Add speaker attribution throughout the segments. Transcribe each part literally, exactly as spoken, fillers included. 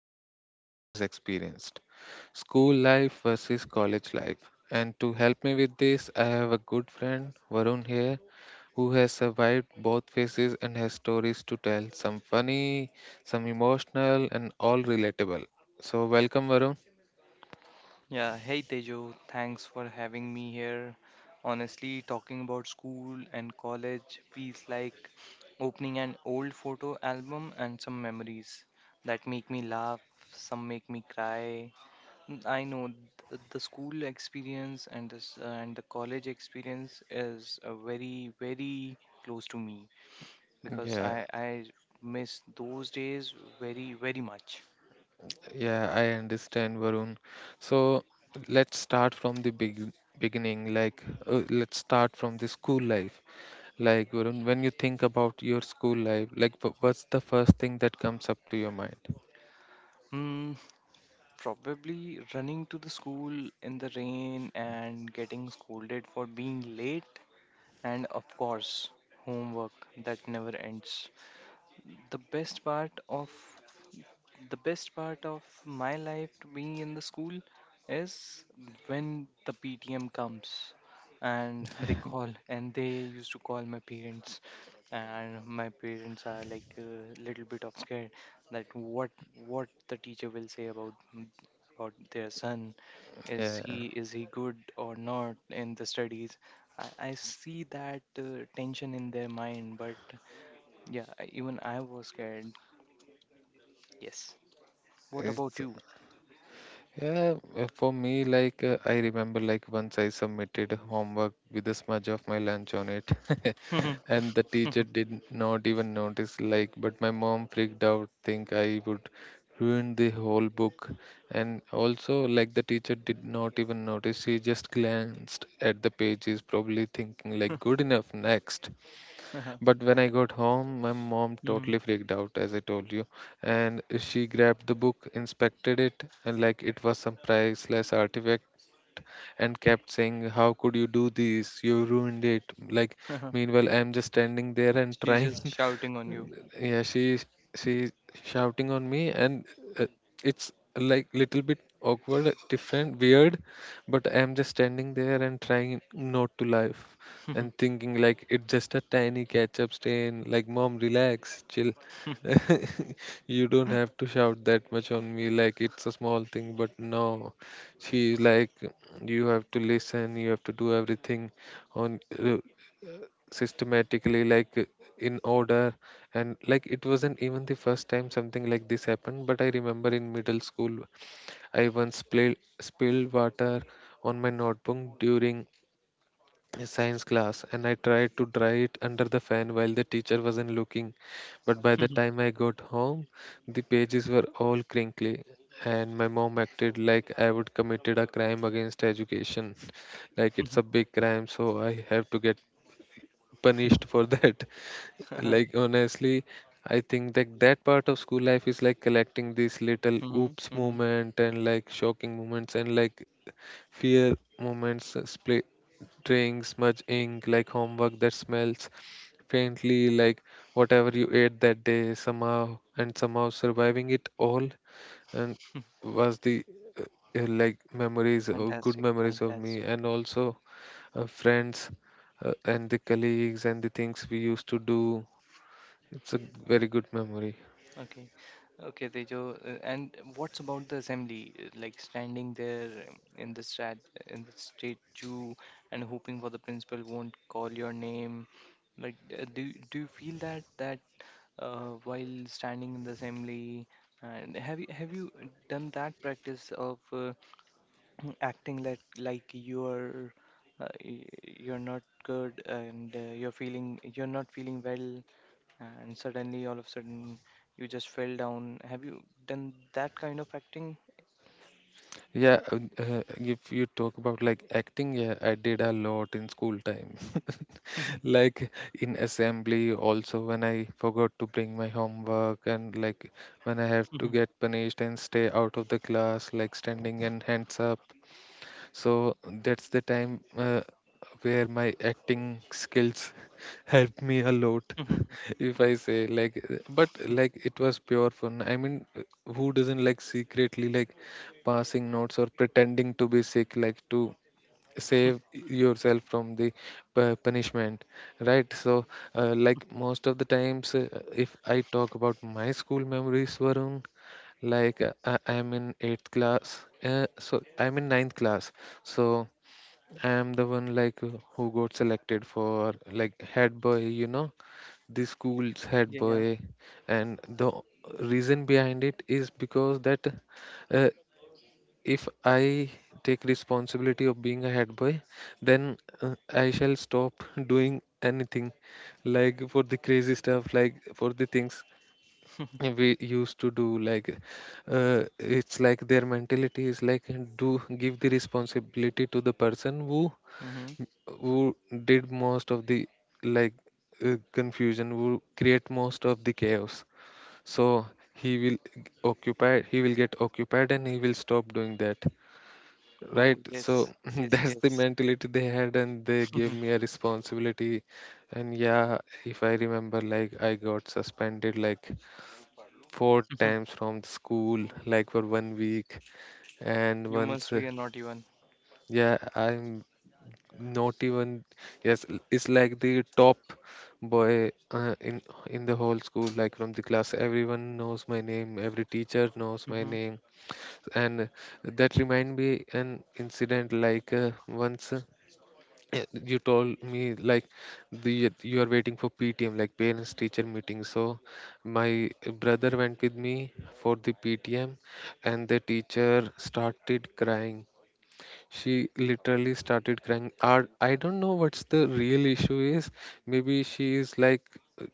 Speaker 1: every student has experienced: school life versus college life. And to help me with this, I have a good friend, Varun, here, who has survived both phases and has stories to tell, some funny, some emotional, and all relatable. So, welcome, Varun.
Speaker 2: Yeah, hey Tejo, thanks for having me here. Honestly, talking about school and college feels like opening an old photo album and some memories that make me laugh, some make me cry. N- I know th- the school experience and this uh, and the college experience is uh, very very close to me because
Speaker 1: Yeah,
Speaker 2: I I miss those days very very much.
Speaker 1: Yeah, I understand, Varun. So let's start from the big beginning. Like, uh, let's start from the school life. Like, Varun, when you think about your school life, like, wh- what's the first thing that comes up to your mind?
Speaker 2: Hmm, probably running to the school in the rain and getting scolded for being late, and of course, homework that never ends. The best part of the best part of my life to be in the school is when the P T M comes and they call and they used to call my parents, and my parents are like a little bit of scared that what what the teacher will say about about their son, is
Speaker 1: Yeah,
Speaker 2: he is he good or not in the studies. I, I see that uh, tension in their mind, but yeah, even I was scared. Yes, what about
Speaker 1: it's
Speaker 2: you?
Speaker 1: Yeah, uh, for me, like uh, I remember, like once I submitted homework with a smudge of my lunch on it, and the teacher did not even notice. Like, but my mom freaked out, think I would ruin the whole book, and also like the teacher did not even notice. She just glanced at the pages, probably thinking like, "Good enough, next." But when I got home, my mom
Speaker 2: Mhm.
Speaker 1: totally freaked out, as I told you, and she grabbed the book, inspected it, and like it was some priceless artifact, and kept saying, "How could you do this? You ruined it." Like, meanwhile, I'm just standing there and
Speaker 2: She's just
Speaker 1: trying,
Speaker 2: shouting on you.
Speaker 1: yeah, she's she's shouting on me, and uh, it's like little bit awkward, different, weird, but I'm just standing there and trying not to laugh, and thinking like, it's just a tiny ketchup stain. Like, mom, relax, chill. You don't have to shout that much on me, like it's a small thing. But no, she's like, you have to listen, you have to do everything on, uh, systematically, like uh, in order. And like, it wasn't even the first time something like this happened, but I remember in middle school I once spilled spilled water on my notebook during a science class, and I tried to dry it under the fan while the teacher wasn't looking. But by the time I got home, the pages were all crinkly, and my mom acted like I would committed a crime against education. Like it's a big crime, so I have to get punished for that.
Speaker 2: Mhm.
Speaker 1: Like, honestly, I think that that part of school life is like collecting these little oops
Speaker 2: Mhm.
Speaker 1: moment, and like shocking moments, and like fear moments, uh, spray drinks, smudge ink, like homework that smells faintly like whatever you ate that day, somehow and somehow surviving it all, and was the, uh, uh, like memories of, good
Speaker 2: Fantastic,
Speaker 1: memories of me,
Speaker 2: fantastic.
Speaker 1: and also uh, friends, uh, and the colleagues, and the things we used to do. It's a very good memory.
Speaker 2: Okay, okay, Tejo. uh, And what's about the assembly? uh, Like standing there um, in the stat, in the state queue and hoping for the principal won't call your name. Like, uh, do do you feel that that uh, while standing in the assembly? And have you have you done that practice of uh, acting like like you're uh, y- you're not good and uh, you're feeling you're not feeling well, and suddenly all of a sudden you just fell down? Have you done that kind of acting?
Speaker 1: Yeah, uh, uh, if you talk about like acting, yeah, I did a lot in school time. Like in assembly, also when I forgot to bring my homework, and like when I have
Speaker 2: Mhm,
Speaker 1: to
Speaker 2: mhm,
Speaker 1: get punished and stay out of the class, like standing and hands up. So that's the time uh, where my acting skills helped me a lot,
Speaker 2: mhm.
Speaker 1: if I say like. uh, But like, it was pure fun. I mean, uh, who doesn't like secretly like passing notes or pretending to be sick, like to save yourself from the pu- punishment, right? So uh, like most of the times, uh, if I talk about my school memories, Varun, like uh, I- I'm in eighth class, uh, so I'm in ninth class. So I'm the one, like, who who got selected for like head boy, you know, the school's head
Speaker 2: Yeah, yeah.
Speaker 1: boy. And the reason behind it is because that, uh, if I take responsibility of being a head boy, then uh, I shall stop doing anything like, for the crazy stuff, like for the things we used to do. Like, uh, it's like their mentality is like, uh, do give the responsibility to the person who
Speaker 2: Mm-hmm.
Speaker 1: who did most of the like, uh, confusion, who create most of the chaos. So he will g- occupy, he will get occupied, and he will stop doing that,
Speaker 2: Oh
Speaker 1: right?
Speaker 2: yes,
Speaker 1: So
Speaker 2: yes,
Speaker 1: that's
Speaker 2: yes.
Speaker 1: the mentality they had, and they gave
Speaker 2: Mhm,
Speaker 1: me a responsibility. And yeah, if I remember, like I got suspended like four
Speaker 2: mhm.
Speaker 1: times from the school, like for one week. And
Speaker 2: You
Speaker 1: once,
Speaker 2: must
Speaker 1: uh,
Speaker 2: be a naughty one.
Speaker 1: yeah, I'm not even, yes, l- it's like the top boy uh, in in the whole school, like from the class. Everyone knows my name, every teacher knows my
Speaker 2: Mm-hmm.
Speaker 1: name. And that remind me an incident like, uh, once. Yeah, you told me like, the, you are waiting for P T M, like parents teacher meeting. So my brother went with me for the P T M, and the teacher started crying. She literally started crying. Ar- I don't know what's the real issue is. Maybe she is like, uh,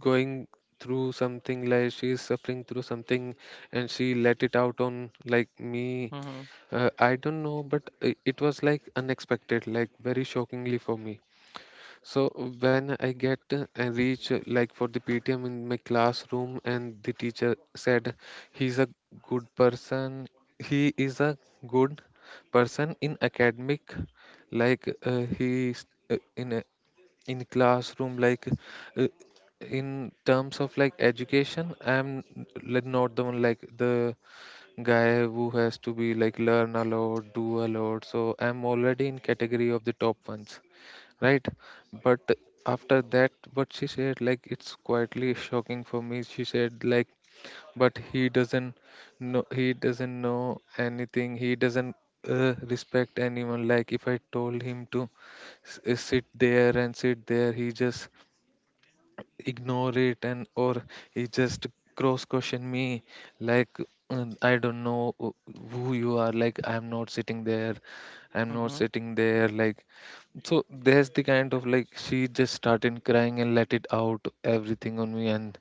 Speaker 1: going through something, like she is suffering through something, and she let it out on like me.
Speaker 2: Mm-hmm.
Speaker 1: uh, I don't know, but it, it was like unexpected, like very shockingly for me. So
Speaker 2: Okay.
Speaker 1: when I get, uh, I reach, uh, like for the P T M in my classroom, and the teacher said, he's a good person, he is a good person in academic, like uh, he is, uh, in a, in classroom, like uh, in terms of like education, I'm n- like, not the one, like the guy who has to be like learn a lot, do a lot, so I'm already in category of the top ones, right? But after that what she said, like it's quietly shocking for me. She said like, but he doesn't know, he doesn't know anything, he doesn't uh, respect anyone, like if I told him to s- uh, sit there and sit there, he just ignore it, and or he just cross question me, like, uh, I don't know wh- who you are. Like, I'm not sitting there, I'm not
Speaker 2: Mm-hmm.
Speaker 1: sitting there, like. So there's the kind of like, she just started crying and let it out everything on me. And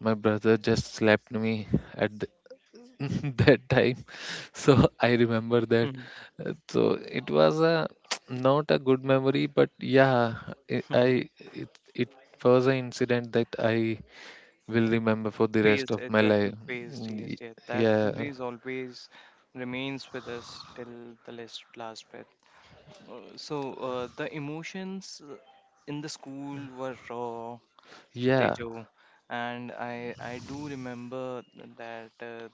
Speaker 1: my brother just slapped me at the that time. So I remember that.
Speaker 2: Mm-hmm.
Speaker 1: Uh, so it was a not a good memory, but yeah, i I- it, it was an incident that I will remember for the rest
Speaker 2: Phased
Speaker 1: of
Speaker 2: it
Speaker 1: my
Speaker 2: that
Speaker 1: life.
Speaker 2: you phased,
Speaker 1: Mm,
Speaker 2: yes,
Speaker 1: y-
Speaker 2: yes. That
Speaker 1: yeah,
Speaker 2: memory is always remains with us till the last last breath. Uh, so uh, the emotions uh, in the school were raw,
Speaker 1: yeah,
Speaker 2: Tejo, and I I do remember that uh,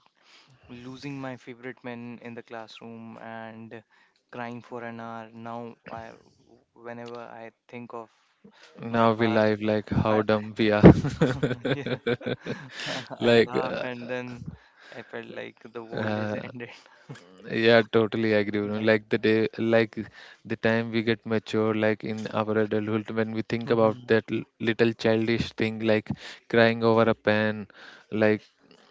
Speaker 2: losing my favorite man in the classroom and crying for an hour. Now I whenever I think of my
Speaker 1: now we
Speaker 2: past,
Speaker 1: live like how
Speaker 2: I
Speaker 1: dumb we are.
Speaker 2: yeah I
Speaker 1: Like,
Speaker 2: laugh,
Speaker 1: uh,
Speaker 2: and then I felt like the world is
Speaker 1: uh,
Speaker 2: ended.
Speaker 1: yeah, totally agree. You know,
Speaker 2: Like.
Speaker 1: like the day, like the time we get mature, like in our adulthood, when we think about that l- little childish thing, like crying over a pen, like,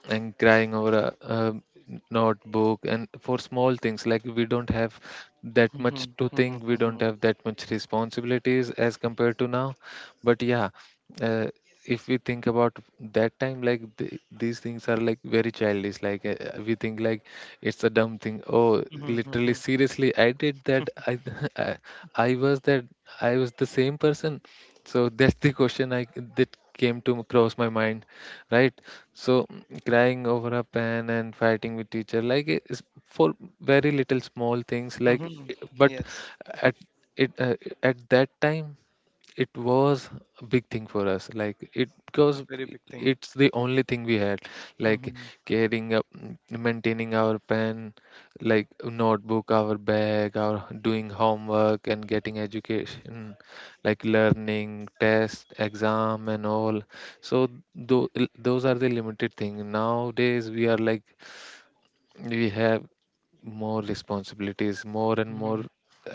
Speaker 1: and crying over a, um notebook, and for small things, like we don't have that
Speaker 2: Mhm,
Speaker 1: much to
Speaker 2: mhm,
Speaker 1: think, we
Speaker 2: mhm,
Speaker 1: don't
Speaker 2: mhm,
Speaker 1: have that much responsibilities as compared to now. But yeah. uh, if we think about that time, like, the, these things are like very childish. Like uh, uh, we think like it's a dumb thing. Oh,
Speaker 2: mhm,
Speaker 1: literally,
Speaker 2: mhm,
Speaker 1: seriously, I did that? I i, I was that, I was the same person. So that's the question I, that came to cross my mind, right? So, mm, crying over a pen and fighting with teacher, like it is for very little small things, like
Speaker 2: mhm.
Speaker 1: i- but
Speaker 2: Yes.
Speaker 1: at it uh, at that time it was a big thing for us, like it,
Speaker 2: A
Speaker 1: because
Speaker 2: very big thing.
Speaker 1: it's the only thing we had, like
Speaker 2: Hmm.
Speaker 1: carrying up, maintaining our pen, like notebook, our bag, our doing homework, and getting education, like learning, test, exam, and all. So, tho- those are the limited thing. Nowadays we are like, we have more responsibilities, more and more.
Speaker 2: Hmm.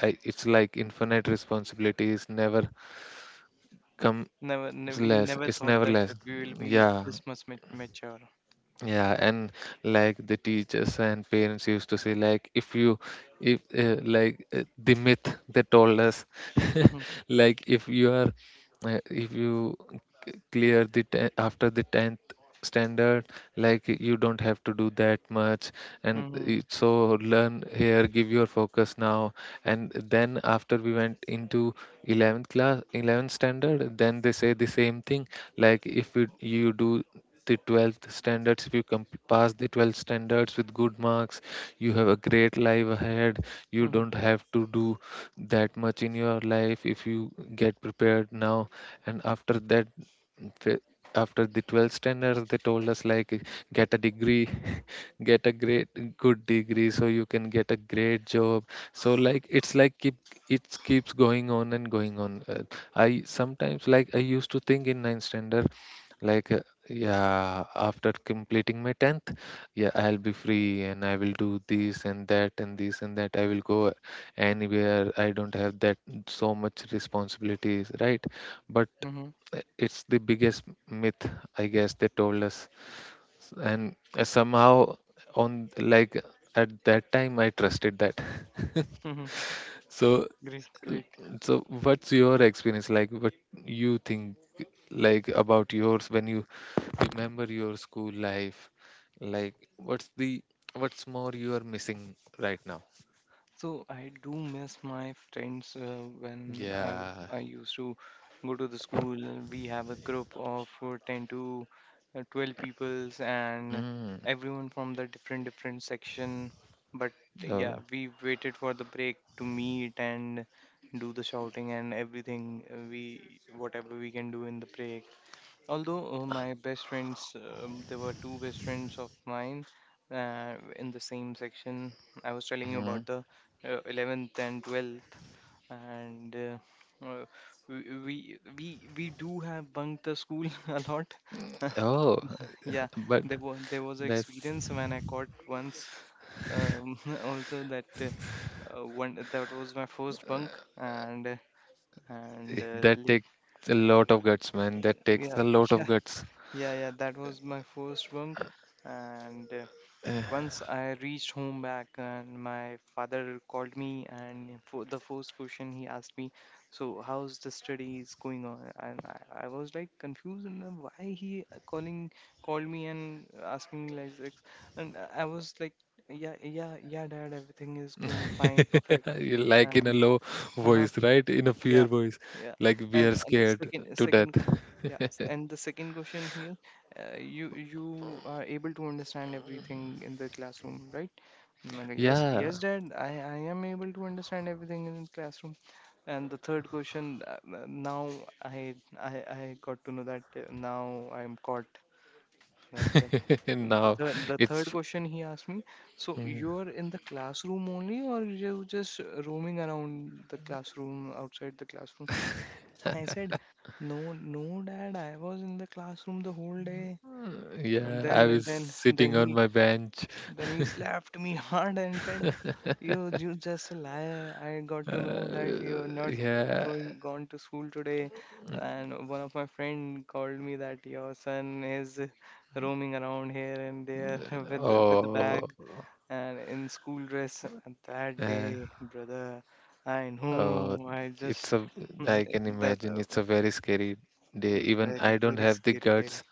Speaker 1: I, it's like infinite responsibilities, never come
Speaker 2: Never, ne,
Speaker 1: it's
Speaker 2: we
Speaker 1: less.
Speaker 2: never
Speaker 1: It's
Speaker 2: thought
Speaker 1: never
Speaker 2: that
Speaker 1: less.
Speaker 2: we will be
Speaker 1: Yeah.
Speaker 2: this much mat mature.
Speaker 1: Yeah, and like the teachers and parents used to say, like if you, if uh, like uh, the myth they told us,
Speaker 2: Hmm.
Speaker 1: like if you are, uh, if you c- clear the te- after the tenth standard, like you don't have to do that much, and
Speaker 2: Hmm.
Speaker 1: it, so learn here, give your focus now. And then after we went into eleventh class, eleventh standard, then they say the same thing, like if you, you do the twelfth standards, if you comp- pass the twelfth standards with good marks, you have a great life ahead, you
Speaker 2: Hmm.
Speaker 1: don't have to do that much in your life, if you get prepared now. And after that, fa- after the twelfth standards, they told us like, get a degree, get a great, good degree, so you can get a great job. So like, it's like keep it, keeps going on and going on. Uh, I
Speaker 2: Yeah.
Speaker 1: sometimes like, I used to think in ninth standard, like, uh, yeah, after completing my tenth, yeah, I'll be free and I will do this and that, and this and that. I will go anywhere. I don't have that so much responsibilities, right? But
Speaker 2: Hmm.
Speaker 1: uh, it's the biggest myth, I guess, they told us. S- And uh, somehow, on, like at that time, I trusted that.
Speaker 2: Hmm.
Speaker 1: So,
Speaker 2: Great, great.
Speaker 1: so what's your experience like? What you think? Like about yours when you remember your school life, like what's the, what's more you are missing right now?
Speaker 2: So I do miss my friends uh, when I,
Speaker 1: Yeah.
Speaker 2: I used to go to the school. We have a group of uh, ten to uh, twelve peoples, and
Speaker 1: mm.
Speaker 2: everyone from the different different section. But yeah,
Speaker 1: Oh.
Speaker 2: we waited for the break to meet and do the shouting and everything, uh, we whatever we can do in the break. Although uh, my best friends, um, there were two best friends of mine uh, in the same section. I was telling you
Speaker 1: mhm.
Speaker 2: about the uh, eleventh and twelfth, and uh, uh, we, we we we do have bunked the school a lot.
Speaker 1: Oh,
Speaker 2: Yeah,
Speaker 1: but
Speaker 2: there was there was an
Speaker 1: that's
Speaker 2: experience when I caught once. Um, also that uh, uh, one that was my first bunk, and uh,
Speaker 1: eh,
Speaker 2: and uh,
Speaker 1: that
Speaker 2: like
Speaker 1: takes a lot of guts man, that takes
Speaker 2: yeah
Speaker 1: a lot of
Speaker 2: yeah.
Speaker 1: guts.
Speaker 2: Yeah, yeah, that was my first bunk. And uh, once I reached home back, and my father called me, and for the first question he asked me, "So how's the studies going on?" And I, I was like confused, and uh, why he uh, calling called me and asking me like this. And I I was like, "Yeah, yeah, yeah, Dad, everything is going fine, perfect."
Speaker 1: You like in
Speaker 2: And
Speaker 1: a low voice right, in a fear
Speaker 2: yeah,
Speaker 1: voice,
Speaker 2: yeah.
Speaker 1: like we
Speaker 2: And
Speaker 1: are
Speaker 2: and the
Speaker 1: scared
Speaker 2: second
Speaker 1: to
Speaker 2: second
Speaker 1: death.
Speaker 2: yeah, and the second question here, uh, you you are able to understand everything in the classroom, right? Mm, okay. Yes,
Speaker 1: Yeah.
Speaker 2: yes, Dad. I I am able to understand everything in the classroom. And the third question, uh, uh, now I I I got to know that uh, now I am caught that. uh, The
Speaker 1: Now
Speaker 2: third, the third
Speaker 1: it's,
Speaker 2: question he asked me, so you're in the classroom only, or you're just roaming around the classroom, outside the classroom? I said, "No, no, Dad, I was in the classroom the whole day." And
Speaker 1: yeah, I
Speaker 2: then,
Speaker 1: was
Speaker 2: then, then
Speaker 1: sitting on
Speaker 2: he,
Speaker 1: my bench.
Speaker 2: then he slapped me hard and said, "You, you just a liar. I got to know that
Speaker 1: Uh,
Speaker 2: you're not
Speaker 1: yeah.
Speaker 2: going gone to school today." And one of my friend called me that your son is roaming around here and there with the- with the
Speaker 1: Oh,
Speaker 2: bag and in school dress. And that
Speaker 1: eh,
Speaker 2: day, brother, I
Speaker 1: oh,
Speaker 2: know. I
Speaker 1: it's
Speaker 2: just.
Speaker 1: a, I can
Speaker 2: That
Speaker 1: imagine
Speaker 2: uh,
Speaker 1: it's a very scary day. Even
Speaker 2: very,
Speaker 1: I don't
Speaker 2: very
Speaker 1: have the
Speaker 2: scary day.
Speaker 1: guts.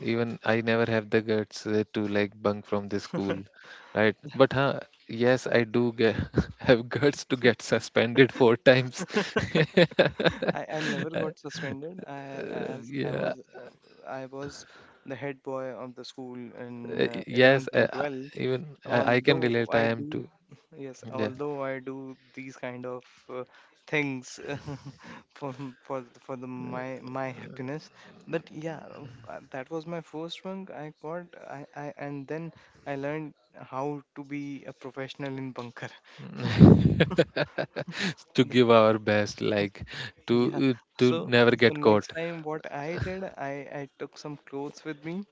Speaker 1: Even I never have the guts uh, to like bunk from the school, right? But huh, yes, I do get have guts to get suspended four times.
Speaker 2: I, I never got suspended. I
Speaker 1: Uh,
Speaker 2: as I
Speaker 1: yeah.
Speaker 2: was I was the head boy of the school in
Speaker 1: Uh,
Speaker 2: uh,
Speaker 1: Yes,
Speaker 2: eleventh
Speaker 1: uh,
Speaker 2: and
Speaker 1: uh,
Speaker 2: twelfth.
Speaker 1: even I, I can
Speaker 2: Although
Speaker 1: relate. I
Speaker 2: I
Speaker 1: am
Speaker 2: do,
Speaker 1: too.
Speaker 2: yes,
Speaker 1: Yeah.
Speaker 2: although I do these kind of uh, things for for for the my my happiness. But yeah, uh, that was my first bunk I got. I, I and then I learned how to be a professional in bunker.
Speaker 1: To give our best, like
Speaker 2: Yeah.
Speaker 1: to to
Speaker 2: So
Speaker 1: never
Speaker 2: so
Speaker 1: get caught.
Speaker 2: next time what I did, I I took some clothes with me,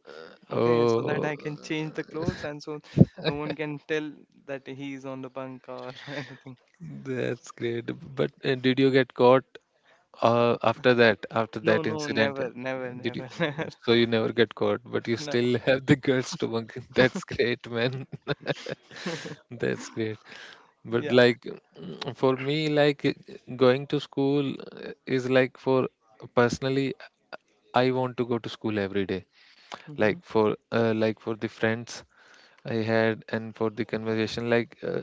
Speaker 2: okay, so that
Speaker 1: Oh,
Speaker 2: I can change the clothes and so no one can tell that he's on the bunk or anything.
Speaker 1: that's great. But uh, did you get caught uh, after that? After
Speaker 2: No,
Speaker 1: that
Speaker 2: no,
Speaker 1: incident, uh,
Speaker 2: never, never,
Speaker 1: did you?
Speaker 2: never, never.
Speaker 1: So you never get caught, but you
Speaker 2: No.
Speaker 1: still have the guts to bunk. That's great, man. That's great. But
Speaker 2: Yeah.
Speaker 1: like mm, for me, like uh, going to school uh, is like for personally, I want to go to school every day.
Speaker 2: Mm-hmm.
Speaker 1: Like for uh, like for the friends I had and for the conversation, like uh,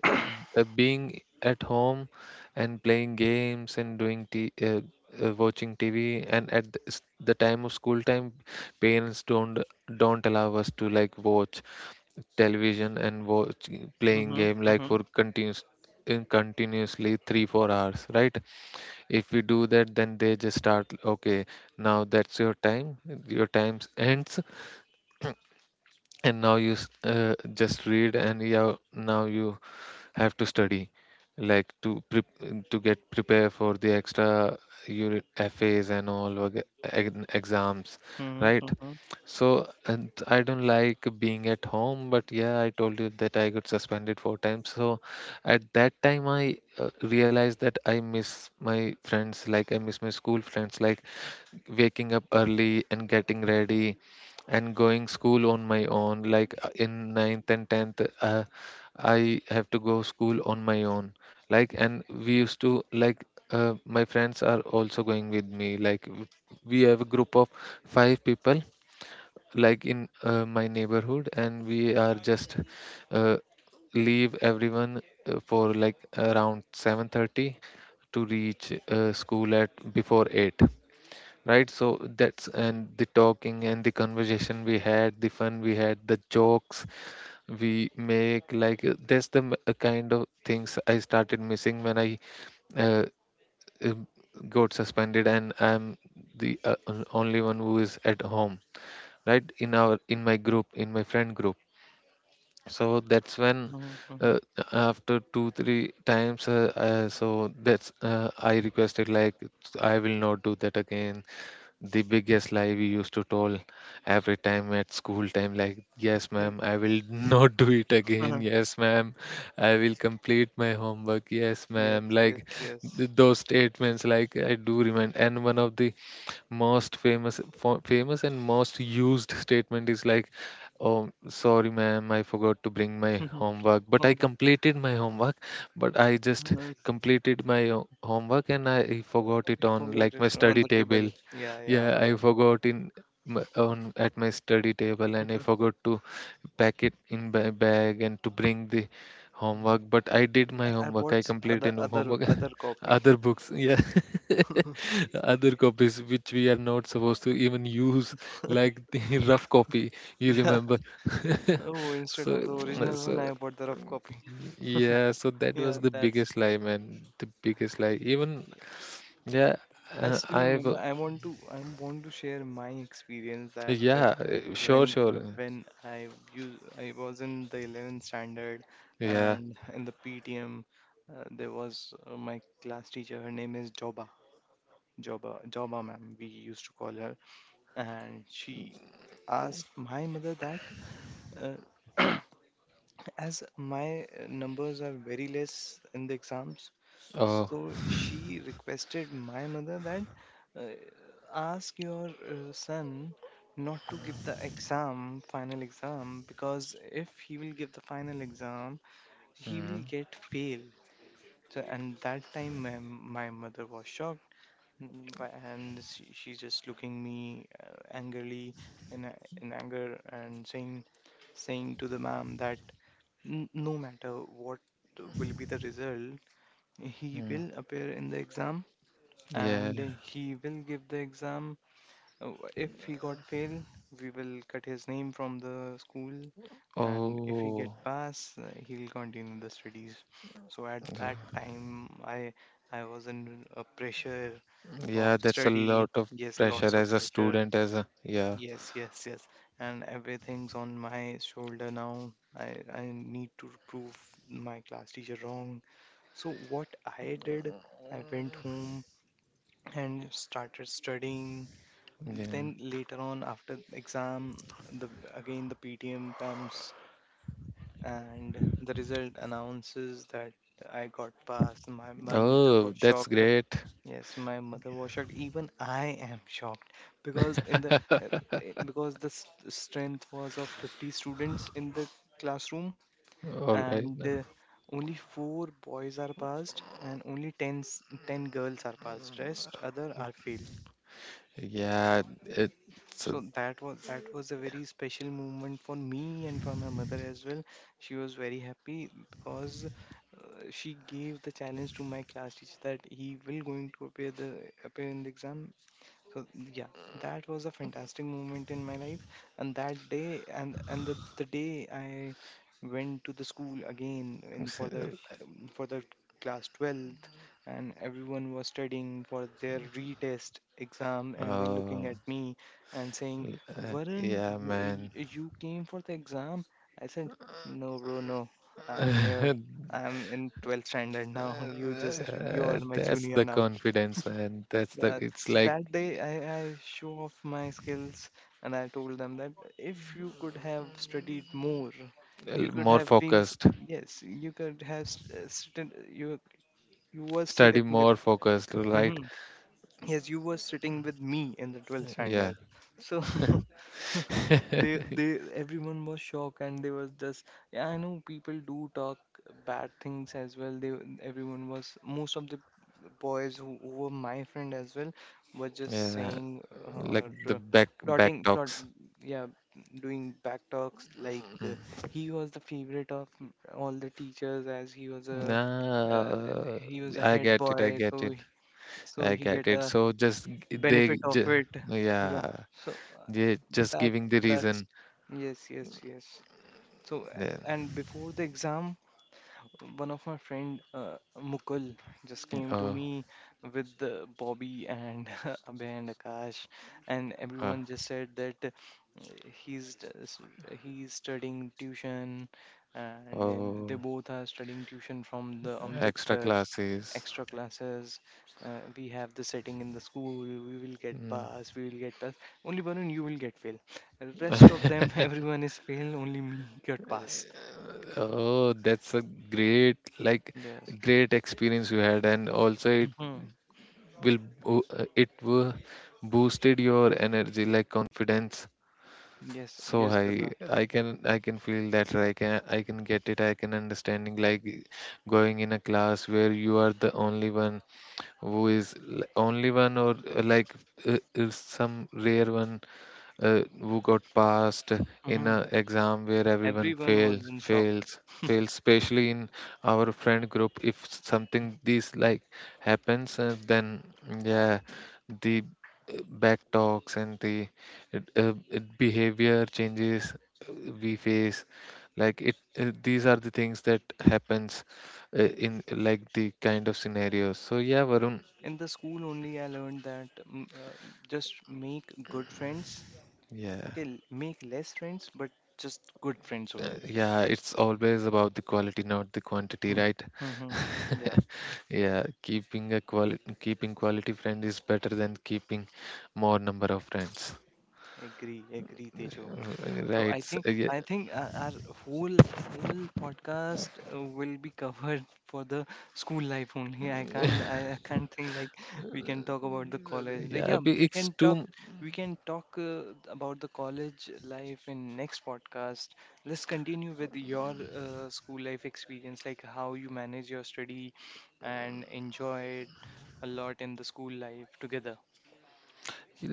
Speaker 1: uh, being at home and playing games and doing t- uh, uh, watching T V, and at the, s- the time of school time parents don't don't allow us to like watch television and watch playing
Speaker 2: Mm-hmm.
Speaker 1: game like
Speaker 2: Mm-hmm.
Speaker 1: for continuous in continuously three four hours, right? If we do that, then they just start, okay, now that's your time, your time ends, and now you s- uh, just read, and yeah, now you have to study, like to pre to get prepare for the extra unit F As and all wag- eg- exams, right?
Speaker 2: Mm-hmm.
Speaker 1: So, and I don't like being at home, but yeah, I told you that I got suspended four times. So at that time, I uh, realized that I miss my friends, like I miss my school friends, like waking up early and getting ready and going school on my own, like uh, in ninth and tenth. Uh, I have to go school on my own, like, and we used to like, uh, my friends are also going with me, like w- we have a group of five people like in uh, my neighborhood, and we are just uh, leave everyone uh, for like around seven thirty to reach uh, school at before eight, right? So that's, and the talking and the conversation we had, the fun we had, the jokes we make, like uh, that's the m- uh, kind of things I started missing when I uh, uh, got suspended and I'm the uh, on- only one who is at home, right? In our, in my group, in my friend group. So that's when,
Speaker 2: Mm-hmm. Mm-hmm.
Speaker 1: uh, after two three times, uh, uh, so that's, uh, I requested, like I will not do that again. The biggest lie we used to tell every time at school time, like, yes
Speaker 2: Mm-hmm.
Speaker 1: ma'am, I will not do it again, yes ma'am, I will complete my homework, yes
Speaker 2: Yes,
Speaker 1: ma'am,
Speaker 2: yes,
Speaker 1: like
Speaker 2: yes.
Speaker 1: th- those statements, like I do remind. And one of the most famous fo- famous and most used statement is like, oh sorry ma'am, I forgot to bring my homework, but I
Speaker 2: Oh, what-
Speaker 1: completed my homework, but I just
Speaker 2: I
Speaker 1: completed my ho- homework and I forgot it on
Speaker 2: forgot
Speaker 1: like
Speaker 2: it
Speaker 1: my
Speaker 2: on
Speaker 1: study
Speaker 2: the table.
Speaker 1: table.
Speaker 2: Yeah, yeah,
Speaker 1: Yeah, I
Speaker 2: yeah.
Speaker 1: forgot in m- on at my study table and I forgot to pack it in my bag and to bring the homework, but I did my
Speaker 2: I I
Speaker 1: homework,
Speaker 2: bought
Speaker 1: I
Speaker 2: s- other
Speaker 1: completed my
Speaker 2: other
Speaker 1: homework.
Speaker 2: other copy.
Speaker 1: Other books, yeah. Other copies which we are not supposed to even use, like the rough copy, you
Speaker 2: Yeah.
Speaker 1: remember.
Speaker 2: Oh, instead of
Speaker 1: so,
Speaker 2: the original one,
Speaker 1: so
Speaker 2: I bought the rough copy.
Speaker 1: yeah, so that was
Speaker 2: Yeah,
Speaker 1: the
Speaker 2: that's
Speaker 1: biggest lie, man. The biggest lie. Even
Speaker 2: yeah.
Speaker 1: yeah,
Speaker 2: I
Speaker 1: uh,
Speaker 2: still
Speaker 1: I've
Speaker 2: remember. I want to. I want to share my experience that uh,
Speaker 1: yeah, uh, sure,
Speaker 2: when uh,
Speaker 1: sure.
Speaker 2: when I use I was in the eleventh standard,
Speaker 1: Yeah.
Speaker 2: and in the P T M, uh, there was uh, my class teacher. Her name is Joba. Joba Joba ma'am, we used to call her, and she asked my mother that uh, as my uh, numbers are very less in the exams.
Speaker 1: Oh.
Speaker 2: So she requested my mother that uh, ask your uh, son not to give the exam, final exam, because if he will give the final exam, he will
Speaker 1: mhm,
Speaker 2: get fail. So, and that time my, my mother was shocked, mm, by- and she, she just looking me uh, angrily in, a- in anger and saying saying to the ma'am that "N- No matter what will be the result, he
Speaker 1: mm.
Speaker 2: will appear in the exam
Speaker 1: Yeah.
Speaker 2: and he will give the exam. Uh, If he got fail, we will cut his name from the school, and if he get
Speaker 1: Oh.
Speaker 2: pass, uh, he'll continue the studies." So at that time, I I was in a pressure of
Speaker 1: Yeah, that's a
Speaker 2: study.
Speaker 1: lot of
Speaker 2: Yes, lots
Speaker 1: pressure
Speaker 2: of
Speaker 1: as a
Speaker 2: pressure.
Speaker 1: student, as a, yeah.
Speaker 2: Yes, yes, yes, and everything's on my shoulder now. I I need to prove my class teacher wrong. So what I did, I went home and started studying.
Speaker 1: Yeah.
Speaker 2: Then later on, after the exam, the again the P T M comes, and the result announces that I got passed. My my mother
Speaker 1: Oh,
Speaker 2: was
Speaker 1: that's
Speaker 2: shocked.
Speaker 1: great.
Speaker 2: Yes, my mother was shocked. Even I am shocked because in the uh, eh, because the s- strength was of fifty students in the classroom,
Speaker 1: All right.
Speaker 2: and
Speaker 1: Nah.
Speaker 2: uh, only four boys are passed and only ten, s- ten girls are passed. Rest other are fail.
Speaker 1: Yeah, it's a,
Speaker 2: So that was that was a very special moment for me and for my mother as well. She was very happy because uh, she gave the challenge to my class teacher that he will going to appear the appear in the exam, so yeah, that was a fantastic moment in my life. And that day, and and the, the day I went to the school again in for the um, for the class twelfth, and everyone was studying for their retest exam, and they're looking at
Speaker 1: oh,
Speaker 2: me and saying,
Speaker 1: uh,
Speaker 2: "Varun,
Speaker 1: yeah,
Speaker 2: w-
Speaker 1: man.
Speaker 2: y- you came for the exam?" I said, "No bro, no, I'm here. I'm in twelfth standard now. You just you are
Speaker 1: Uh,
Speaker 2: my
Speaker 1: That's
Speaker 2: junior
Speaker 1: the
Speaker 2: now."
Speaker 1: confidence, man. That's the,
Speaker 2: Yeah,
Speaker 1: it's
Speaker 2: so
Speaker 1: like
Speaker 2: that day I, I show off my skills and I told them that if you could have studied more,
Speaker 1: uh,
Speaker 2: you could
Speaker 1: more
Speaker 2: have been, s-
Speaker 1: focused,
Speaker 2: yes, you could have st- uh, sitting, you you were sitting
Speaker 1: study
Speaker 2: with,
Speaker 1: more focused, right?
Speaker 2: hmm, yes, you were sitting with me in the twelfth
Speaker 1: Yeah.
Speaker 2: standard. So They, they, everyone was shocked, and they was just. Yeah, I know people do talk bad things as well. They, everyone was. Most of the boys who, who were my friend as well were just
Speaker 1: Yeah,
Speaker 2: saying uh,
Speaker 1: like
Speaker 2: or
Speaker 1: the
Speaker 2: uh,
Speaker 1: back back
Speaker 2: plotting, plot.
Speaker 1: talks.
Speaker 2: Yeah, doing back talks like uh, he was the favorite of m- all the teachers as he was a uh,
Speaker 1: Nah,
Speaker 2: he was a
Speaker 1: I
Speaker 2: head
Speaker 1: get it. I
Speaker 2: boy,
Speaker 1: get
Speaker 2: so
Speaker 1: it.
Speaker 2: he, so
Speaker 1: I
Speaker 2: he
Speaker 1: get
Speaker 2: get
Speaker 1: it.
Speaker 2: a
Speaker 1: So just g-
Speaker 2: benefit
Speaker 1: they,
Speaker 2: of
Speaker 1: ju-
Speaker 2: it. Yeah.
Speaker 1: yeah,
Speaker 2: So uh,
Speaker 1: they just
Speaker 2: that
Speaker 1: giving the
Speaker 2: that's...
Speaker 1: reason.
Speaker 2: Yes, yes, yes. So uh,
Speaker 1: Yeah,
Speaker 2: and before the exam, one of my friend uh, Mukul just came to
Speaker 1: oh,
Speaker 2: me with uh, Bobby and Abhay and Akash, and
Speaker 1: uh,
Speaker 2: everyone just said that he's t- s- he's studying tuition, and then they
Speaker 1: oh,
Speaker 2: both are studying tuition from the Amjad
Speaker 1: extra
Speaker 2: sir.
Speaker 1: classes.
Speaker 2: Extra classes. Uh, we have the setting in the school. We will get
Speaker 1: Mm.
Speaker 2: pass, we will get pass. Only Varun, you will get fail. Rest of them, everyone is fail, only me got pass.
Speaker 1: Oh, that's a great, like,
Speaker 2: Yes.
Speaker 1: great experience you had, and also it
Speaker 2: Hmm.
Speaker 1: will bo- uh, it will boosted your energy, like confidence
Speaker 2: Yes,
Speaker 1: so
Speaker 2: yes,
Speaker 1: high.
Speaker 2: brother.
Speaker 1: I can I can feel that, right? I can I can get it. I can understanding like going in a class where you are the only one who is l- only one or uh, like uh, uh, some rare one uh, who got passed in
Speaker 2: Hmm.
Speaker 1: an exam where everyone
Speaker 2: Everyone was
Speaker 1: fails
Speaker 2: in shock.
Speaker 1: fails fails, especially in our friend group, if something this like happens, uh, then yeah, the uh, back talks and the uh, uh, behavior changes uh, we face, like it, uh, these are the things that happens uh, in like the kind of scenarios. So yeah, Varun.
Speaker 2: In the school only I learned that, mm, uh, just make good friends.
Speaker 1: Yeah.
Speaker 2: Okay, l- make less friends, but just good friends
Speaker 1: Uh,
Speaker 2: only.
Speaker 1: yeah, it's always about the quality, not the quantity,
Speaker 2: Hmm.
Speaker 1: right?
Speaker 2: Hmm. Hmm. Yeah,
Speaker 1: Yeah, keeping a quali keeping quality friend is better than keeping more number of friends.
Speaker 2: agree, agree, Tejo.
Speaker 1: R-
Speaker 2: So
Speaker 1: Right.
Speaker 2: I
Speaker 1: s-
Speaker 2: think
Speaker 1: Yeah,
Speaker 2: I think uh, our whole whole podcast uh, will be covered for the school life only. I can't I, I can't think like we can talk about the college. Like
Speaker 1: yeah,
Speaker 2: yeah,
Speaker 1: be-
Speaker 2: we
Speaker 1: it's
Speaker 2: can talk,
Speaker 1: too
Speaker 2: we can talk uh, about the college life in next podcast. Let's continue with your uh, school life experience, like how you manage your study and enjoy it a lot in the school life together.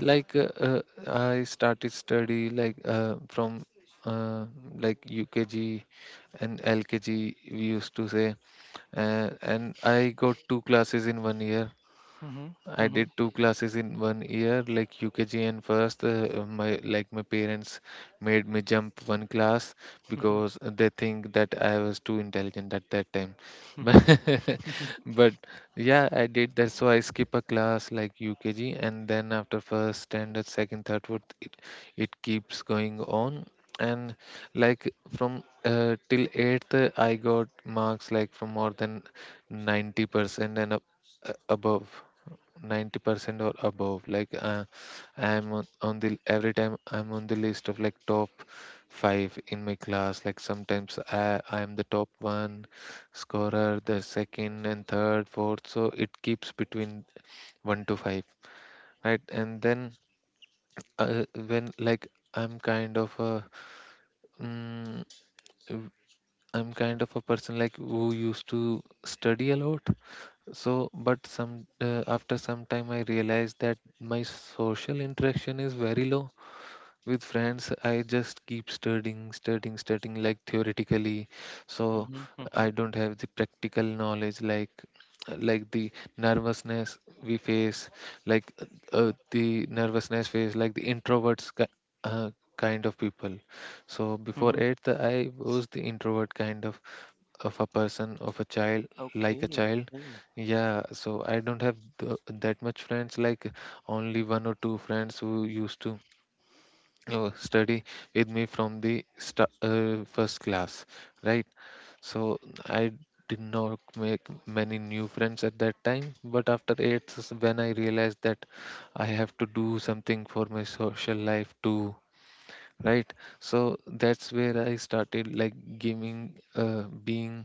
Speaker 1: like uh, uh, I started study like uh, from uh, like U K G and L K G, we used to say, uh, and I got two classes in one year.
Speaker 2: Mm-hmm,
Speaker 1: I
Speaker 2: mm-hmm,
Speaker 1: did two classes in one year, like U K G and first. Uh, my, like my parents made me jump one class
Speaker 2: mm-hmm,
Speaker 1: because they think that I was too intelligent at that time.
Speaker 2: mm-hmm,
Speaker 1: But, but yeah, I did. That's why I skip a class like U K G, and then after first standard, second, third, fourth, it it keeps going on. And like from uh, till eighth, uh, I got marks like from more than ninety percent and up, uh, above. ninety percent or above, like uh, I'm on, on the, every time I'm on the list of like top five in my class, like sometimes i i'm the top one scorer, the second and third fourth, so it keeps between one to five, right? And then uh, when like I'm kind of a mm, w- I'm kind of a person like who used to study a lot. So, but some, uh, after some time, I realized that my social interaction is very low with friends. I just keep studying, studying, studying, like theoretically. So
Speaker 2: mm-hmm,
Speaker 1: I don't have the practical knowledge, like like the nervousness we face, like uh, the nervousness face, like the introverts ki- uh, kind of people. So before
Speaker 2: mm-hmm.
Speaker 1: eighth, I was the introvert kind of of a person, of a child, like a
Speaker 2: Okay,
Speaker 1: child.
Speaker 2: okay.
Speaker 1: Yeah, so I don't have th- that much friends, like only one or two friends who used to uh, study with me from the sta- uh, first class, right? So I did not make many new friends at that time, but after eighth is when I realized that I have to do something for my social life too, right? So that's where I started like giving, uh, being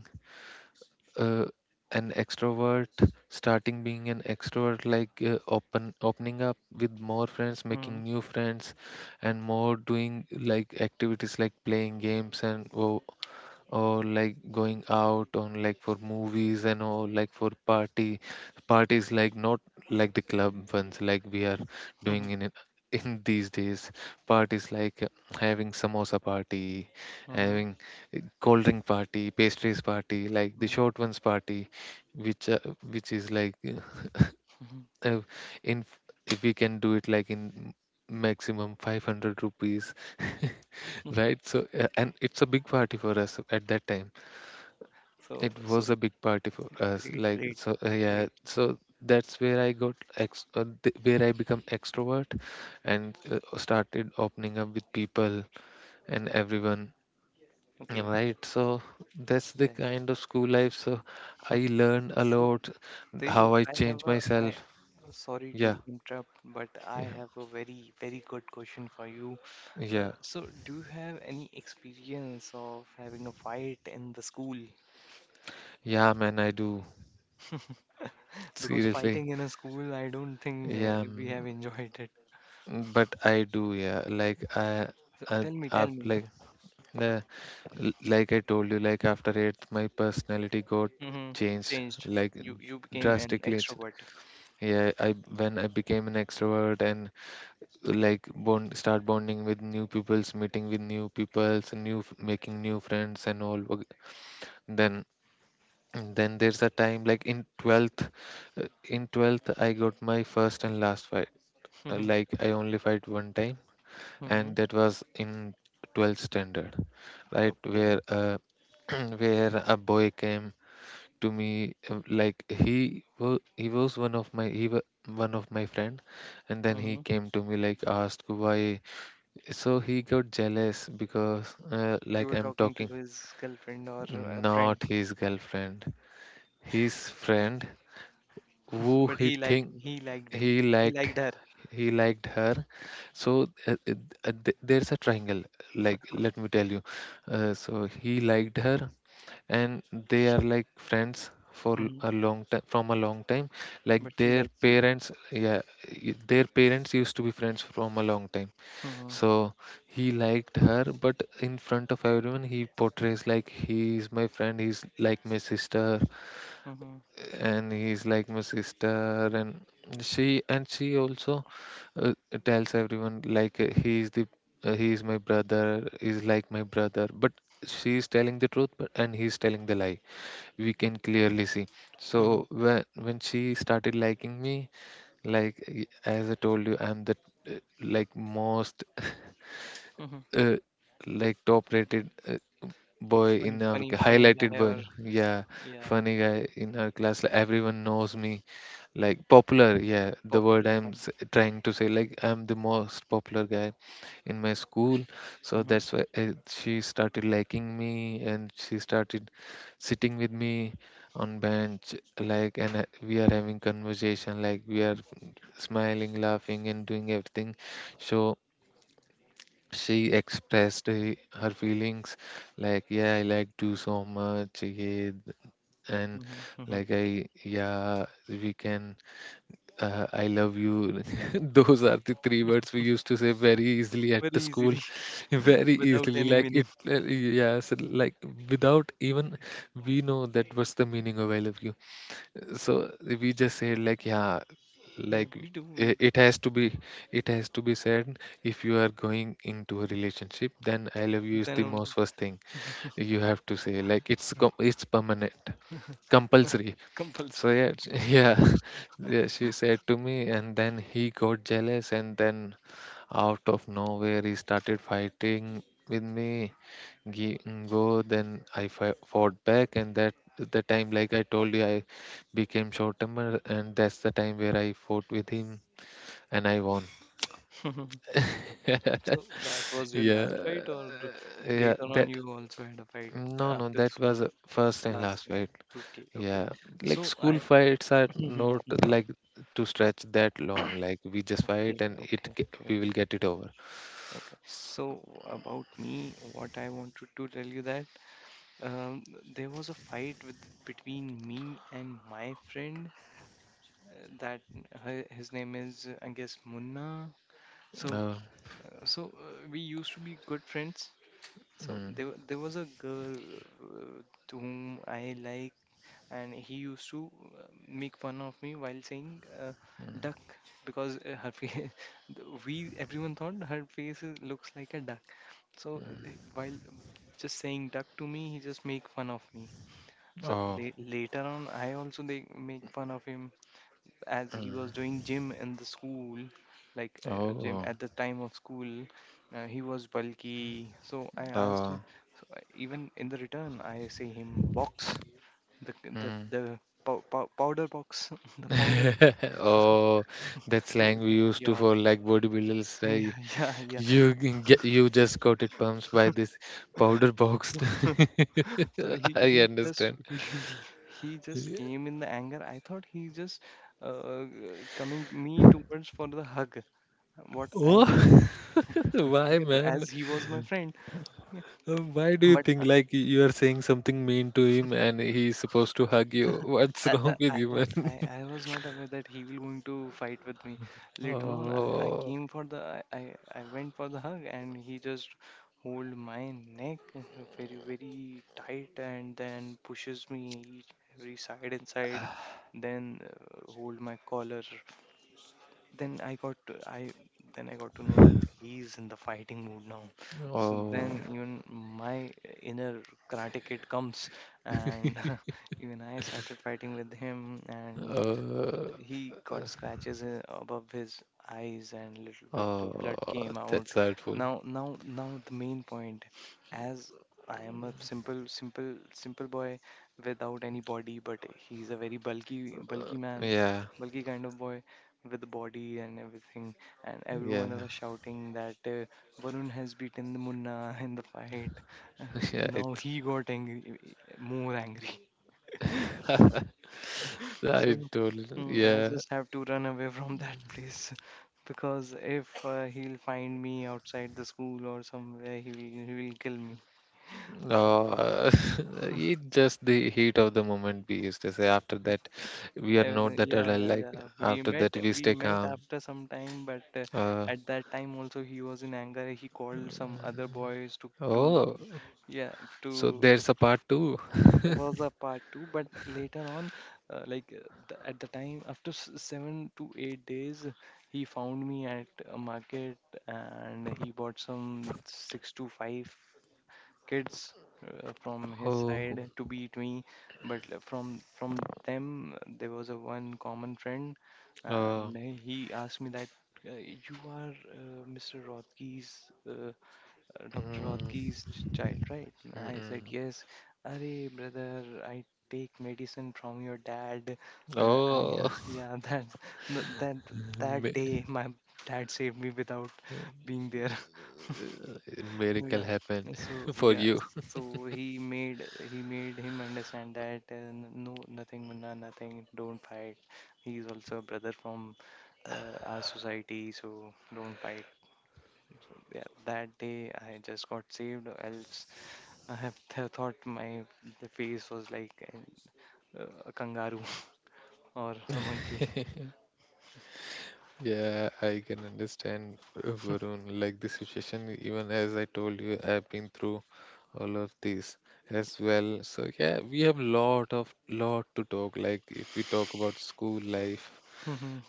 Speaker 1: uh, an extrovert, starting being an extrovert, like uh, open opening up with more friends, making
Speaker 2: Mm.
Speaker 1: new friends, and more doing like activities like playing games and wo- or like going out on like for movies and all, like for party, parties like not like the club ones like we are doing
Speaker 2: Mhm,
Speaker 1: in it- in these days. Parties like uh, having samosa party,
Speaker 2: mhm,
Speaker 1: having uh, cold drink party, pastries party, like the
Speaker 2: mhm,
Speaker 1: short ones party, which uh, which is like uh,
Speaker 2: mhm.
Speaker 1: uh, in, if we can do it like in maximum five hundred rupees. Right? So uh, and it's a big party for us at that time.
Speaker 2: So,
Speaker 1: It
Speaker 2: so
Speaker 1: was a big party for us.
Speaker 2: great,
Speaker 1: Like
Speaker 2: great,
Speaker 1: so, uh, yeah.
Speaker 2: great.
Speaker 1: So that's where I got ex- uh, th- where I become extrovert and uh, started opening up with people and everyone. Yeah,
Speaker 2: Okay,
Speaker 1: right. So that's
Speaker 2: yeah,
Speaker 1: the
Speaker 2: yeah.
Speaker 1: kind of school life. So I learned a
Speaker 2: So,
Speaker 1: lot
Speaker 2: Tejo,
Speaker 1: how I
Speaker 2: I have
Speaker 1: change
Speaker 2: a, I,
Speaker 1: myself.
Speaker 2: sorry
Speaker 1: Yeah.
Speaker 2: to interrupt, but I
Speaker 1: Yeah.
Speaker 2: have a very, very good question for you. Uh,
Speaker 1: Yeah.
Speaker 2: so, do you have any experience of having a fight in the school?
Speaker 1: Yeah, man. I do.
Speaker 2: Because
Speaker 1: Seriously.
Speaker 2: fighting in a school, I don't think
Speaker 1: Yeah.
Speaker 2: uh, we have
Speaker 1: Mm.
Speaker 2: enjoyed it.
Speaker 1: But I do. Yeah. Like I.
Speaker 2: So,
Speaker 1: I.
Speaker 2: tell me, tell
Speaker 1: I
Speaker 2: me.
Speaker 1: like. L- like I told you, like after eighth my personality got
Speaker 2: Mhm,
Speaker 1: changed
Speaker 2: changed.
Speaker 1: like
Speaker 2: You, you became an
Speaker 1: drastically ch-
Speaker 2: extrovert.
Speaker 1: yeah I when I became an extrovert and like bond start bonding with new peoples, meeting with new peoples, new f- making new friends and all wag- then then there's a time like in twelfth, uh, in twelfth I got my first and last fight. Uh, like I only fight one time, and that was in twelfth standard, right?
Speaker 2: Okay.
Speaker 1: Where uh, where a boy came to me, um, like he was he was one of my, he wa one of my friend, and then he
Speaker 2: Hmm.
Speaker 1: came to me like asked why. So he got jealous because uh,
Speaker 2: You
Speaker 1: like
Speaker 2: were
Speaker 1: I'm
Speaker 2: talking to
Speaker 1: talking,
Speaker 2: his girlfriend, or a friend?
Speaker 1: not his girlfriend, his friend who
Speaker 2: But
Speaker 1: he
Speaker 2: he liked
Speaker 1: think
Speaker 2: he liked
Speaker 1: he
Speaker 2: him. He
Speaker 1: liked.
Speaker 2: liked her.
Speaker 1: He liked her. So uh, uh, uh, th- there's a triangle, like let me tell you. Uh, so he liked her, and they are like friends for l-
Speaker 2: Hmm.
Speaker 1: a long time, from a long time, like
Speaker 2: But she
Speaker 1: their
Speaker 2: likes you.
Speaker 1: parents. Yeah, y- their parents used to be friends from a long time.
Speaker 2: Hmm.
Speaker 1: So he liked her, but in front of everyone he portrays like he is my friend, he's like my sister.
Speaker 2: Hmm.
Speaker 1: And he's like my sister. And she and she also, uh, tells everyone like, uh, he's the uh, he's my brother, he's like my brother. But she's telling the truth, but and he's telling the lie, we can clearly see.
Speaker 2: Hmm.
Speaker 1: So when when she started liking me, like y- as I told you, I'm the uh, like most
Speaker 2: Hmm.
Speaker 1: uh, like top rated, uh, boy
Speaker 2: Funny,
Speaker 1: in our
Speaker 2: funny,
Speaker 1: ca-
Speaker 2: funny
Speaker 1: highlighted
Speaker 2: guy?
Speaker 1: boy,
Speaker 2: Or
Speaker 1: yeah,
Speaker 2: yeah,
Speaker 1: funny guy in our class. Like, everyone knows me, like popular. Yeah, the word
Speaker 2: popular
Speaker 1: I'm
Speaker 2: one.
Speaker 1: s- trying to say, like I'm the most popular guy in my school. So
Speaker 2: Hmm.
Speaker 1: that's why uh, she started liking me, and she started sitting with me on bench. Like and uh, we are having conversation, like we are smiling, laughing, and doing everything. So she expressed uh, her feelings, like, yeah, I like you so much, yeah. And
Speaker 2: Hmm. Hmm.
Speaker 1: like I, yeah, we can, uh, I love you. Those are the three words we used to say very easily at the
Speaker 2: Very
Speaker 1: school,
Speaker 2: easily.
Speaker 1: very
Speaker 2: Without
Speaker 1: easily.
Speaker 2: any
Speaker 1: Like
Speaker 2: meaning.
Speaker 1: it, uh, yes, like without even we know that what's the meaning of I love you. So we just said like, yeah,
Speaker 2: Yeah,
Speaker 1: like
Speaker 2: we do.
Speaker 1: i-
Speaker 2: We
Speaker 1: it
Speaker 2: do.
Speaker 1: has to be, it has to be said. If you are going into a relationship, then I love you is
Speaker 2: Then
Speaker 1: the most
Speaker 2: only
Speaker 1: first thing you have to say. Like it's com- it's permanent, compulsory. So
Speaker 2: compulsory.
Speaker 1: yeah, yeah, yeah. She said to me, and then he got jealous, and then out of nowhere he started fighting with me. Gi- Go, then I fi- fought back, and that the time, like I told you, I became short temper, and that's the time where I fought with him, and I won.
Speaker 2: So that was your
Speaker 1: Yeah,
Speaker 2: last fight, or
Speaker 1: yeah.
Speaker 2: later on
Speaker 1: That,
Speaker 2: you also had a fight
Speaker 1: no, no.
Speaker 2: after the
Speaker 1: That
Speaker 2: school?
Speaker 1: was a first and
Speaker 2: Last
Speaker 1: last
Speaker 2: time?
Speaker 1: fight.
Speaker 2: Okay, okay.
Speaker 1: Yeah, like
Speaker 2: So
Speaker 1: school
Speaker 2: I...
Speaker 1: fights are
Speaker 2: Mhm.
Speaker 1: not like to stretch that long. Like we just fight
Speaker 2: Okay,
Speaker 1: and it
Speaker 2: okay,
Speaker 1: ge-
Speaker 2: okay,
Speaker 1: we will
Speaker 2: okay,
Speaker 1: get it over.
Speaker 2: okay.
Speaker 1: S-
Speaker 2: So about me, what I wanted to tell you that, um, there was a fight with between me and my friend. Uh, that, her, his name is, uh, I guess, Munna. So
Speaker 1: uh,
Speaker 2: uh, so uh, we used to be good friends. So
Speaker 1: mm,
Speaker 2: there wa- there was a girl, uh, to whom I like, and he used to uh, make fun of me while saying, uh, duck, because uh, her face, we everyone thought her face is- looks like a duck. So uh, while just saying duck to me, he just make fun of me. So
Speaker 1: oh,
Speaker 2: la- later on, I also they make fun of him as he was doing gym in the school, like
Speaker 1: oh,
Speaker 2: uh, gym
Speaker 1: oh,
Speaker 2: at the time of school. Uh, he was bulky, so I asked him,
Speaker 1: oh,
Speaker 2: so I, even in the return, I say him box, the the
Speaker 1: mm.
Speaker 2: the pow- pow- powder box. The powder.
Speaker 1: Oh, that
Speaker 2: So
Speaker 1: slang we used to
Speaker 2: yeah.
Speaker 1: for like bodybuilders.
Speaker 2: Yeah,
Speaker 1: Like
Speaker 2: yeah, yeah.
Speaker 1: you g- get you just got it pumped by this powder box.
Speaker 2: so he
Speaker 1: I
Speaker 2: he just,
Speaker 1: understand.
Speaker 2: he he just came in the anger. I thought he just, uh, coming me towards for the hug, what I
Speaker 1: Oh,
Speaker 2: thought.
Speaker 1: why,
Speaker 2: Okay, but
Speaker 1: man?
Speaker 2: as he was my friend,
Speaker 1: Uh, Why do you
Speaker 2: but
Speaker 1: think like y- you are saying something mean to him and he's supposed to hug you? What's
Speaker 2: I, I,
Speaker 1: wrong with
Speaker 2: I
Speaker 1: you,
Speaker 2: was
Speaker 1: man?
Speaker 2: I, I was not aware that he will going to fight with me. Later on, I, I
Speaker 1: Oh,
Speaker 2: came for the I, I I went for the hug, and he just hold my neck, uh, very very tight, and then pushes me each- every side and side, then uh, hold my collar, then I got to, I then I got to know that he's in the fighting mood now. So then
Speaker 1: oh,
Speaker 2: even my inner karate kid comes, and even I started fighting with him, and L-
Speaker 1: uh,
Speaker 2: he got scratches uh, above his eyes, and little bit of blood
Speaker 1: oh,
Speaker 2: came out.
Speaker 1: that's hurtful.
Speaker 2: Now, now, now, the main point, as I am a simple, simple, simple boy without any body, but he's a very bulky, bulky man,
Speaker 1: Yeah,
Speaker 2: bulky kind of boy with a body and everything. And
Speaker 1: yeah,
Speaker 2: everyone was shouting that, uh, Varun has beaten the Munna in the fight.
Speaker 1: yeah.
Speaker 2: Now
Speaker 1: It,
Speaker 2: he got angry, more angry.
Speaker 1: I
Speaker 2: So,
Speaker 1: told,
Speaker 2: mm, I
Speaker 1: yeah.
Speaker 2: just have to run away from that place because if uh, he'll find me outside the school or somewhere, he will he will kill me.
Speaker 1: Oh, it just the heat of the moment. We used to say after that, we are
Speaker 2: Uh,
Speaker 1: not that
Speaker 2: yeah,
Speaker 1: alert.
Speaker 2: yeah,
Speaker 1: Like
Speaker 2: yeah. We
Speaker 1: after
Speaker 2: met
Speaker 1: that, we
Speaker 2: we
Speaker 1: stay
Speaker 2: met
Speaker 1: calm.
Speaker 2: after some time, but uh,
Speaker 1: Uh,
Speaker 2: at that time also he was in anger. He called some other boys to to,
Speaker 1: oh,
Speaker 2: yeah,
Speaker 1: so
Speaker 2: to...
Speaker 1: there's a part two.
Speaker 2: There was a part two, but later on, uh, like uh, the, at the time, after s- seven to eight days, he found me at a market, and he bought some six to five kids uh, from his
Speaker 1: Oh,
Speaker 2: side to beat me. But uh, from from them, uh, there was a one common friend,
Speaker 1: uh,
Speaker 2: and he asked me that, uh, you are uh, Mister Rothke's, uh, Doctor
Speaker 1: mm,
Speaker 2: Rodgi's ch- child, right?
Speaker 1: mm,
Speaker 2: I said,
Speaker 1: mm.
Speaker 2: yes. Arey, brother, I take medicine from your dad. Uh, I,
Speaker 1: Oh,
Speaker 2: yeah, that, th- that, that
Speaker 1: mi
Speaker 2: day my dad saved me without being there.
Speaker 1: miracle
Speaker 2: Yeah.
Speaker 1: happened
Speaker 2: So,
Speaker 1: for
Speaker 2: yeah.
Speaker 1: you.
Speaker 2: So he made he made him understand that, uh, n- no, nothing, Munna, nothing. Don't fight. He's also a brother from uh, our society, so don't fight. So, yeah, that day I just got saved, else I have th- thought my the face was like an, uh, a kangaroo, or a monkey.
Speaker 1: Yeah, I can understand, uh, Varun. Like the situation, even as I told you, I've been through all of this as well. So yeah, we have lot of lot to talk. Like if we talk about school life,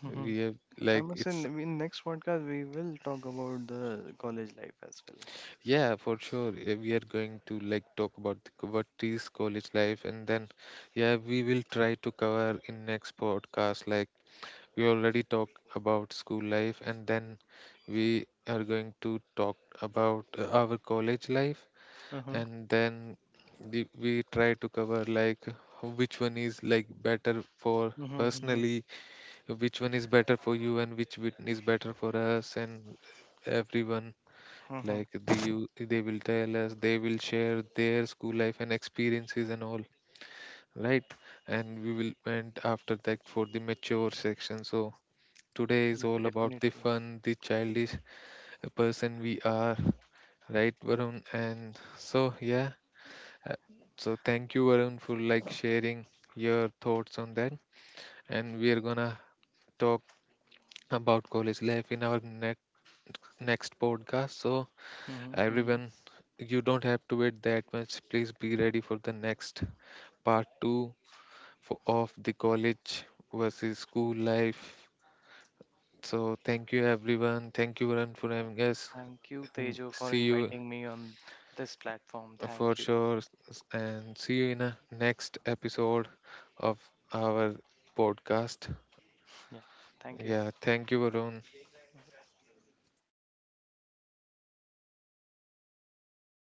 Speaker 1: we have,
Speaker 2: I
Speaker 1: like
Speaker 2: must say, in
Speaker 1: it's,
Speaker 2: in next podcast we will talk about the college life as well.
Speaker 1: yeah, for sure. Uh, We are going to like talk about the, co- what is college life, and then yeah, we will try to cover in next podcast. Like we already talked about school life, and then we are going to talk about uh, our college life,
Speaker 2: Uh-huh.
Speaker 1: and then the, we try to cover like which one is like better for
Speaker 2: Mm-hmm.
Speaker 1: personally, which one is better for you, and which one is better for us and everyone.
Speaker 2: Mm-hmm.
Speaker 1: Like they, you, they will tell us, they will share their school life and experiences and all, right? And we will went after that for the mature section. So today is
Speaker 2: Yeah,
Speaker 1: all about the
Speaker 2: definitely.
Speaker 1: fun, the childish person we are, right, Varun? And so, yeah, uh, so thank you, Varun, for like sharing your thoughts on that, and we are gonna talk about college life in our next next podcast. So
Speaker 2: Mm-hmm. Mm-hmm.
Speaker 1: everyone, you don't have to wait that much. Please be ready for the next part two for, of the college versus school life. So, thank you, everyone. Thank you, Varun, for having us.
Speaker 2: Thank you,
Speaker 1: Mm,
Speaker 2: Tejo, for
Speaker 1: see you
Speaker 2: inviting me on this platform. Thank
Speaker 1: for
Speaker 2: you.
Speaker 1: sure, s- and see you in a next episode of our podcast.
Speaker 2: Yeah, thank you.
Speaker 1: Yeah, thank you, Varun.